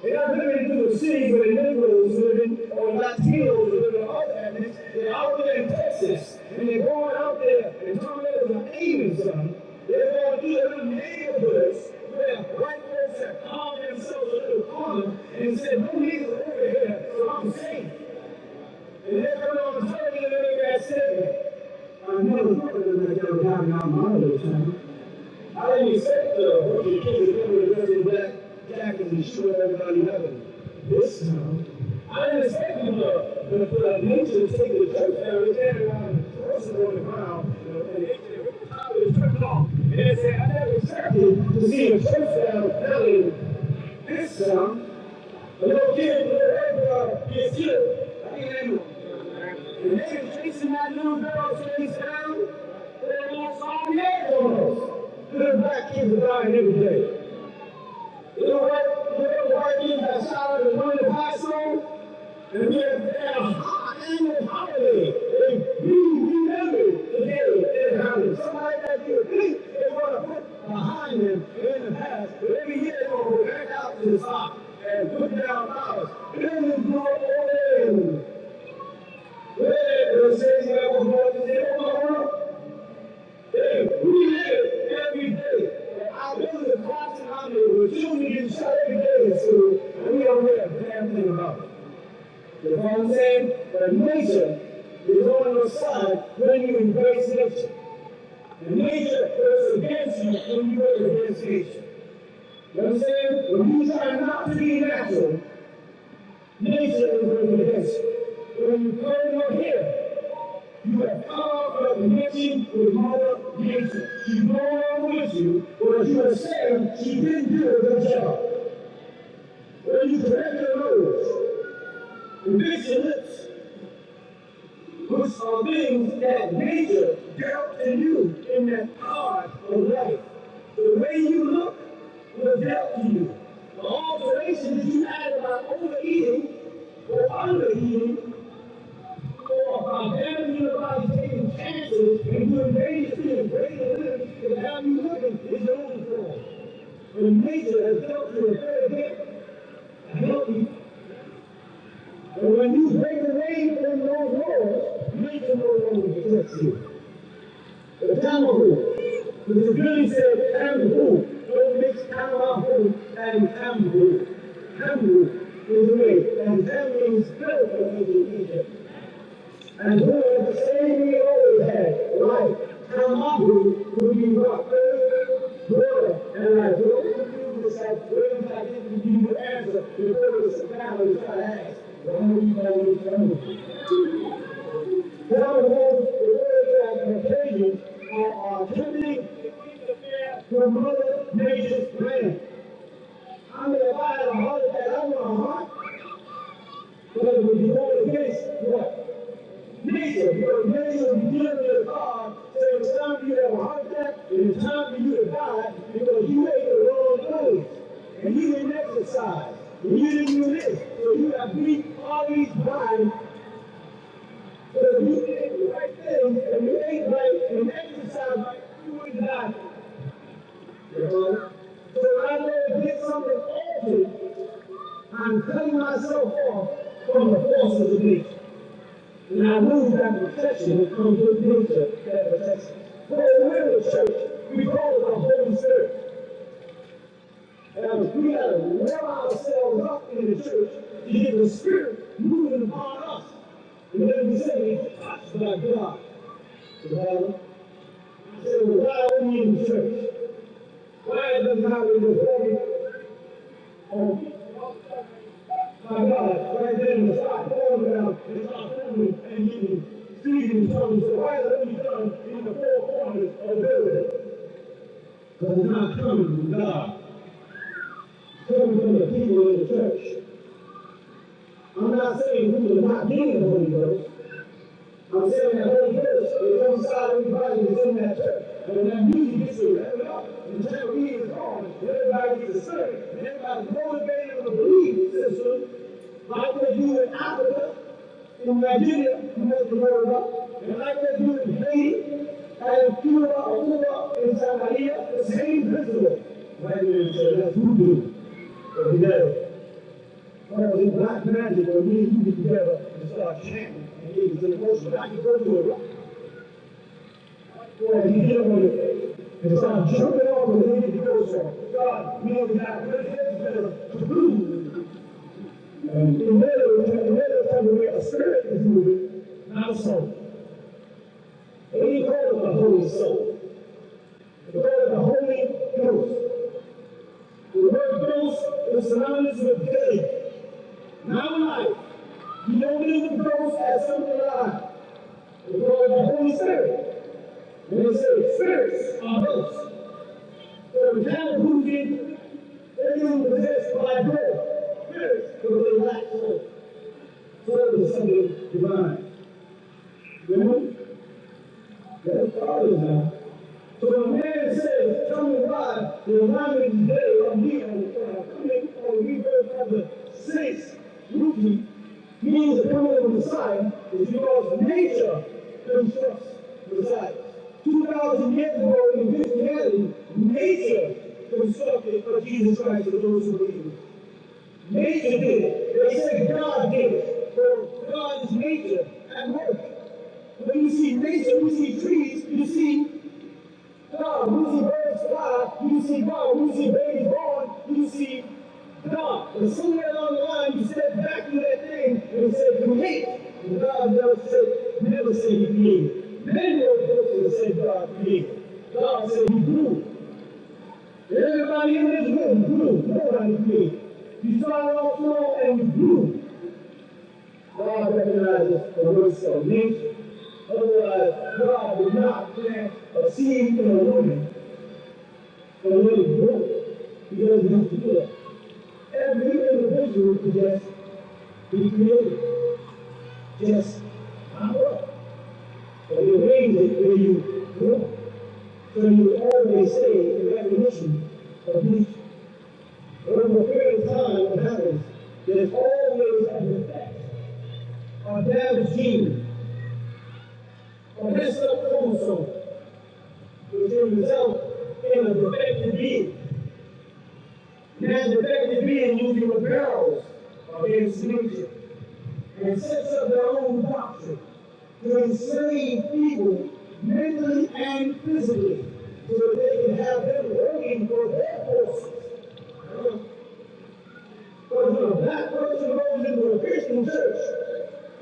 [SPEAKER 4] They're not ripping through the cities where the Negroes living or Latinos living or other ethnics. They're out there in Texas and they're going out there and tornadoes are aiming some. They're going through the little neighborhoods where white folks have called themselves a little corner and said, no niggas over here, so I'm safe. And that's what I was telling you the other day, I said, I never thought of it like that down my mind all the time. I didn't expect the rookie kids coming to come with the black jack and destroy everybody else. This time, I didn't expect you to, to put a ninja to take the church down and tear down the forces on the ground. you know, And they can rip the top of the church off. And they said, I never expected to see a church down falling this time. A little kid with a red bar gets killed. I can't handle it. They're chasing that little girl so they sound, but they lost all the angles. Little black kids are dying every day. Little white, little white kids got shot at the Burning Paso, and we have had a high annual holiday. They remembered the day and how somebody that you would think they want to put behind them in the past, but every year they will go back out to the top and put down dollars. Then there's no oil. You know what I'm saying? But nature is on your side when you embrace nature. And nature is against you when you go against nature. You know what I'm saying? When you try not to be natural, Nation will bless. When you come out here, you have come from the nation with Mother Nature. She born with you, but you have said she didn't do a good job. When you correct your nose and fix your lips, which are things that nature dealt to you in that art of life. The way you look was dealt to you. The alterations that you added by overeating or undereating If our family unifies taking chances and doing major things, greater living, because how you living is your own fault. When nature has dealt you a fair bit, healthy, and when you break away from those laws, nature no longer protects you. The time of rule. Mr. Billy said, I'm the fool. Don't mix I'm our fool and I'm the fool. I'm the fool is the way, and that means spiritual education. And where the same old had life from hungry will be what food, water, and I don't do this at first I didn't give you the answer before the scenario I asked. But I need my little family. Nowadays, the words I'm containing are attributing to Mother Nature's plan. I'm gonna buy a heart that I want a heart, but it would be all against what? Nigga, your name is given to God. So it's time for you to have a heart attack, and it's time for you to die because you ate the wrong food. And you didn't exercise. And you didn't do this. So you got beat all these times because you did the right thing and you ate right and exercised right. You would not die. You know? So when I know I get something awful, I'm cutting myself off from the forces of nature. And I know that protection that comes with nature, that protection. But in the middle church, we call it the Holy Spirit. And we gotta rev ourselves up in the church to get the Spirit moving upon us. And then we say, we touched by God. So, I well, why are we in the church? Why does God in this body? My God, right there in the side foreground is our family and unity. Seeking turns the right of each other in the four corners of Israel. Because it's not coming from God, it's coming from the people in the church. I'm not saying we will not get the Holy Ghost. I'm telling that whole Holy they is on the side of everybody that's in that church. and when that music gets to rev up, and the General E is on, and everybody gets excited, and everybody's motivated to believe system, like they do in Africa, in Nigeria, you know the word about, and like they do in Haiti, and in Cuba, or Cuba, in Somalia, the same principle. Whether it's uh, that's voodoo, or whatever. Well, then black magic, when me and you get together and start chanting, and he was in the most I can go to a rock. Well, he hit him with it. And so i jumping off the lid, and he goes, God, me and black magic together to move. And in middle, in the middle of time, we make a spirit is moving, not a soul. And he called it the Holy Soul. He called it the Holy Ghost. The word ghost is synonymous with dead, not alive. You don't live with ghosts as something alive. The Holy Spirit. And it says, spirits are ghosts. So the kind who did, they were possessed by death. Spirits, but they lacked hope. So it was something divine. Remember? That's part of now. So when a man says, Tell me why the alignment is better on me and the Father, I mean, or we verify the saints. root means the coming of the Messiah is because nature constructs Messiah. 2,000 years ago in Christianity, nature constructed for Jesus Christ for those who believe. Nature did. They say God did. it. Well, God is nature at work. When you see nature, you see trees, you see God, You see birds fly, you see God, You see babies born, you see God. And somewhere along the line, you step back to that thing and say, create. And God never said, never said he created. Man wrote books and said God created. God said he grew. Everybody in this room, blue, everybody blue. You started off slow and was blue. God recognizes the works of nature. Otherwise, God would not plant a seed in a woman for what it broke. He doesn't have to do that. Every individual is just be created. Just power up. But you arrange it where you grow. So you always say in recognition of nature. Over the period of time it happens, there's always an effect on damaged gene, on messed up chromosome, which will result in a defective being. that defective being usually rebels against nature and sets up their own doctrine to enslave people mentally and physically so that they can have them working for their forces. But when a black person goes into a Christian church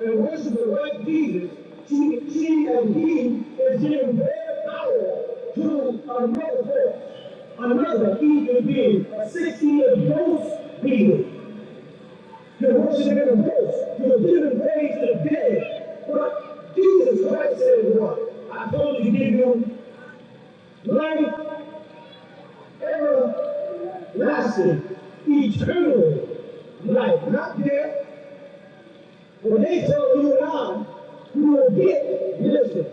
[SPEAKER 4] and worships the right Jesus, she, she and he is giving their power to another force, another evil being, a 16 ghost being. You're worshiping a ghost, you're giving praise to the dead. But Jesus Christ said, What? I told you to give you life, everlasting, eternal life, not death. When they tell you and I, we will get, listen,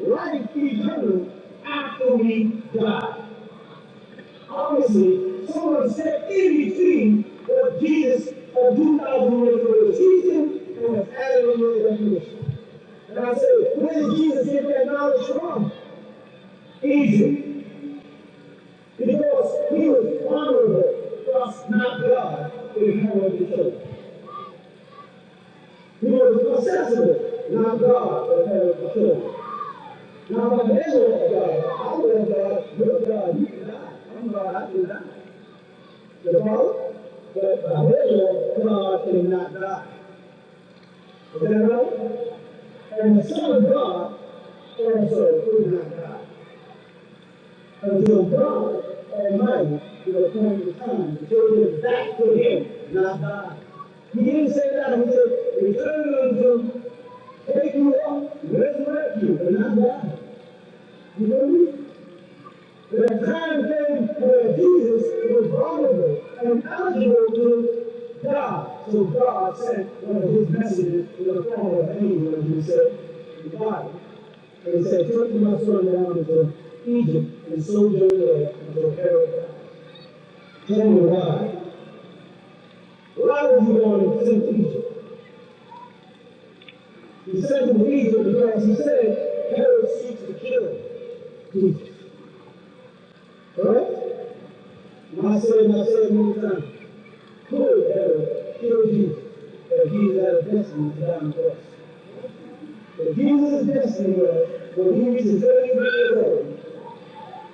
[SPEAKER 4] life eternal after we die. Obviously, someone said in between what Jesus of 2,000 years ago was teaching and was added in the revelation. And I said, where did Jesus get that knowledge from? Egypt. Because he was honorable, thus not God, in the heaven of the church. He was accessible, not God, in the heaven of the church. Now, if I measure that God, I would have God, your God, you cannot. I'm God, I cannot. The Father? But by measure, God cannot die. Is that right? And the Son of God also could not die until God Almighty would appoint the time to take it back to Him, not God. He didn't say that. He said, return unto take you up, resurrect you, but not God. You know me? The time came where Jesus was vulnerable and eligible to die. So God sent one of his messages in the form of an angel, and he said, Body. And he said, Take my son down into Egypt and sojourn there until Herod died. Tell me why. Why was he going to send to Egypt? He sent him to Egypt because he said Herod seeks to kill Jesus. Correct? And I said, and I said many times. Clearly, killed Jesus, but he had a destiny to die on the cross. But Jesus' destiny was when he reaches 33 years old,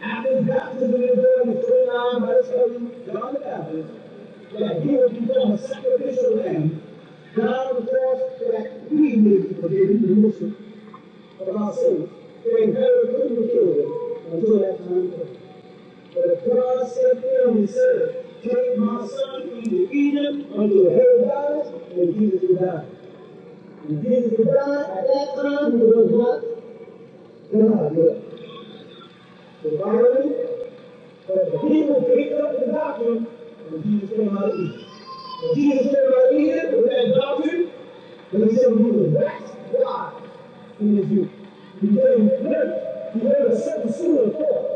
[SPEAKER 4] after his baptism in the Jordan is 29 by this person, John the Baptist, that he would become a sacrificial lamb, die on the cross so that we may be forgiven the remission of our sins. And Herod couldn't be killed until that time came. But God said to him, he said, Take my son into Egypt unto Herodotus, and Jesus would die. And Jesus would die at that time, he was not God yet. The Bible, but the people picked up the doctrine, and Jesus came out of Egypt. When Jesus came out of Egypt with that doctrine, and he said, You will wax God in his youth. He never, he never, never set the seal of God.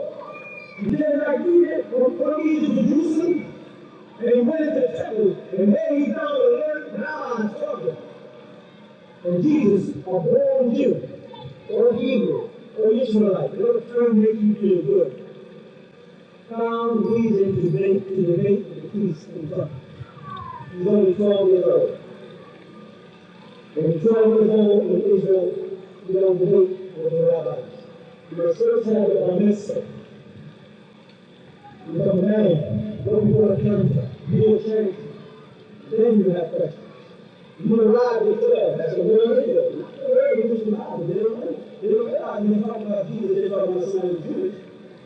[SPEAKER 4] And then I do that from Turkey to Jerusalem, and he went into the temple, and there he found eleven allies talking. And Jesus, a born Jew, or Hebrew, or Israelite, whatever term makes you feel good, found reason to debate, to debate with the priests and talk. He's only 12 years old. And he's 12 years old in Israel, you don't debate with the rabbis. You must first have a mitzvah. become a man, go before the council, you will change, then you have questions. You will ride with them, that's the word of it. The word of it is not, they don't, they don't realize when they talk about Jesus, they talk about the son of Jewish.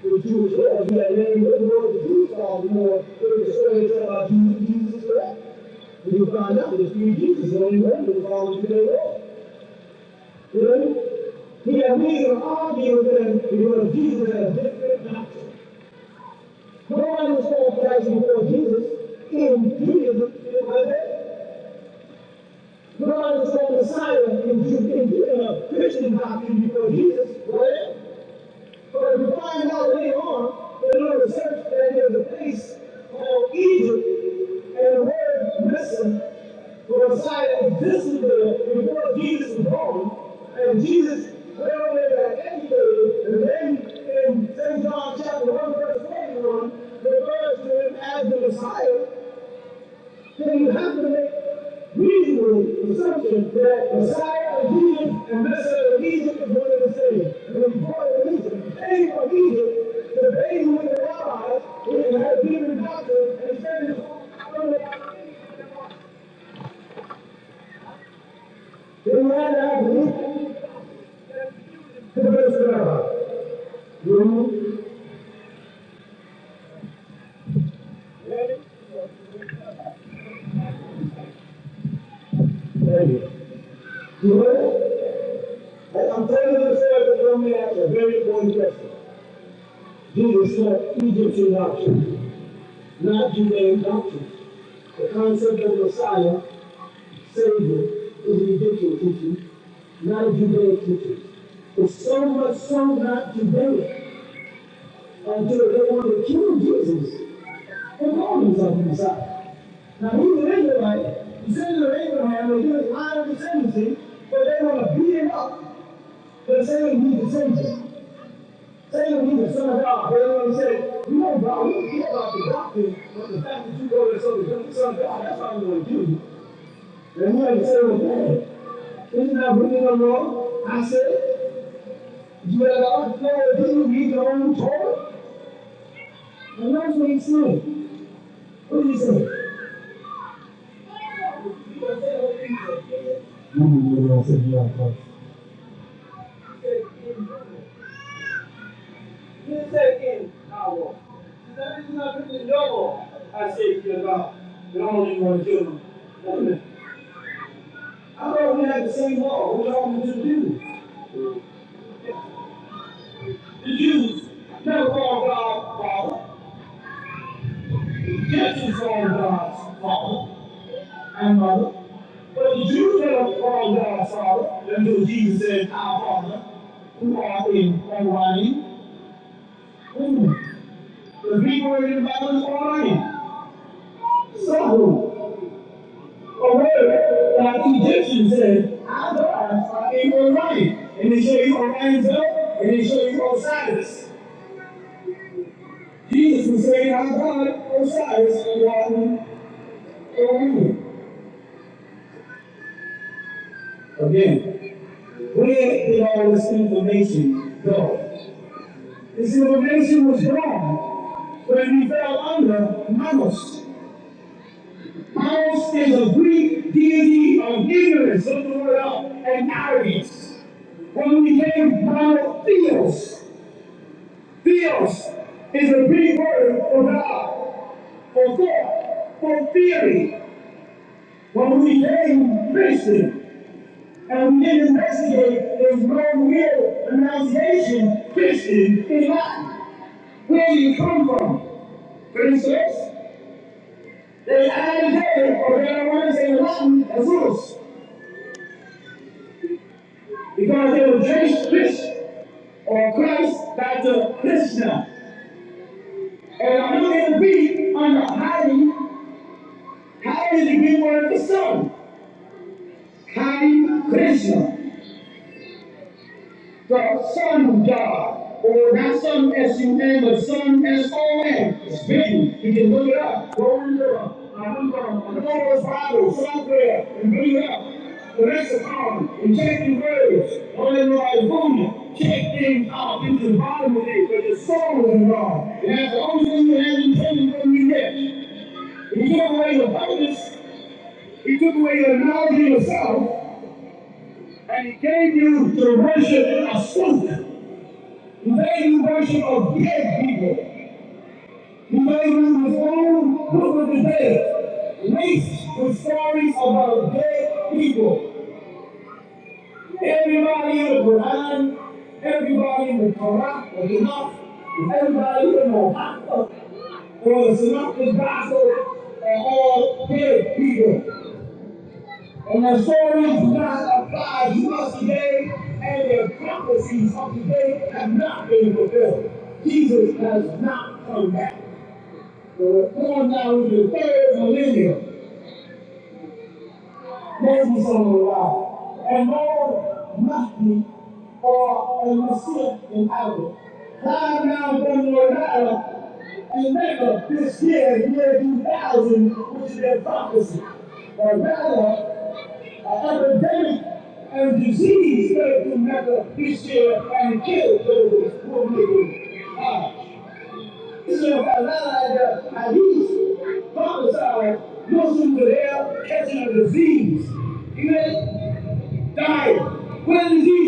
[SPEAKER 4] The Jewish law, you that name, what the word of the Jews law, you know, they're persuaded about Jesus, Jesus is correct. When you find out that it's three Jesus, and only one was following the day law. You know, what I mean? he had reason to argue with them because Jesus had a different doctrine. No one understands Christ before Jesus in Judaism. You know that? Nobody understand Messiah in, in, in uh, Christian doctrine before Jesus. Right? But we find out later on in our research that there's a place called Egypt, and the word listen was cited. This is the before Jesus was born, and Jesus went over there and educated, and then in St. John chapter 1, verse 41, refers to him as the Messiah then you have to make reasonable assumptions that Messiah of Jesus and Messiah of Egypt is one and the same. And when part of Egypt came from Egypt, the baby with the rabbis, who had been in doctrine and standards from the they ran out of Egypt to the best rabbi. You Thank you. You heard And I'm telling you this, because you asked a very important question. Jesus said Egyptian doctrine. not Judaic doctrine. The concept of Messiah, Savior, is ridiculous teaching, not a Judaic teaching. It's so much so not Judaic until they want to kill Jesus and call himself the Messiah. Now he's an Israelite, descendant of Abraham, and he was line of descendancy, but they want to beat him up. They're saying he's descendant. Satan was the son of God. They always say, you know, God, we don't care about the doctrine, but the fact that you go there so become the son of God, that's how we going to do you. And he had to well, isn't that written in the I said, you have all the power to do, read your own Torah. And that's what he said. What did he say? You know what I'm saying? Yeah, You take in our war. That is not really your war. I say to you about. We only want children." kill them. Wait a minute. I thought we had the same law. What y'all want to do? The Jews never called God Father. The Gentiles called God Father and Mother. But the Jews never called God Father until Jesus said, Our Father, who art in heaven. Wait The Greek word in the Bible is Orion. So who? a word that the Egyptians said, Our gods they were right. And they show you Orion's belt, and they show you Osiris. Jesus was saying, Our God, Osiris, and Yahweh, Orion. Again, where did all this information go? This information was wrong when we fell under Mamos. Mamos is a Greek deity of ignorance, look the word up, and arrogance. When we became monotheos, Theos is a big word for God, for thought, for theory. When we name Christian and we didn't investigate this wrong real pronunciation, Christian in Latin. Where do you come from? Princess? They added David, or they don't want to say Latin, Azus, because they were Jewish Christian or Christ back to Krishna. And I'm going to be under hiding How is is the Greek word for son. Hari Krishna, the Son of God, or not Son S U N, but Son S O N. It's written. You can look it up. Go and look it up. go to the Bible somewhere and bring it up. The lexicon and checking words. All in the right boom. Check things out into the bottom of it, but the soul is wrong. And that's the only thing that has intended from we rich. He took away your purpose. He took away your knowledge of yourself. And he gave you the worship of Satan. He gave you worship of dead people. He gave you his own book of the dead. Laced with stories about dead people. Everybody in the Quran, everybody in the Quran, the Tanakh, everybody in the Haqqa, or the Synoptic Gospel, are all dead people. And the stories do not apply to us today, and the prophecies of today have not been fulfilled. Jesus does not come back. We're going down to the third millennium. Moses said unto God, And Lord, mock or for a Messiah in Ireland. Climb down from your ladder and make this year, year 2000, which is their prophecy. Or rather, an epidemic and disease spread through Mecca this year and killed those who were living. This is what the had used. Prophesied, Muslims were there catching a disease. You know, dying. What is disease?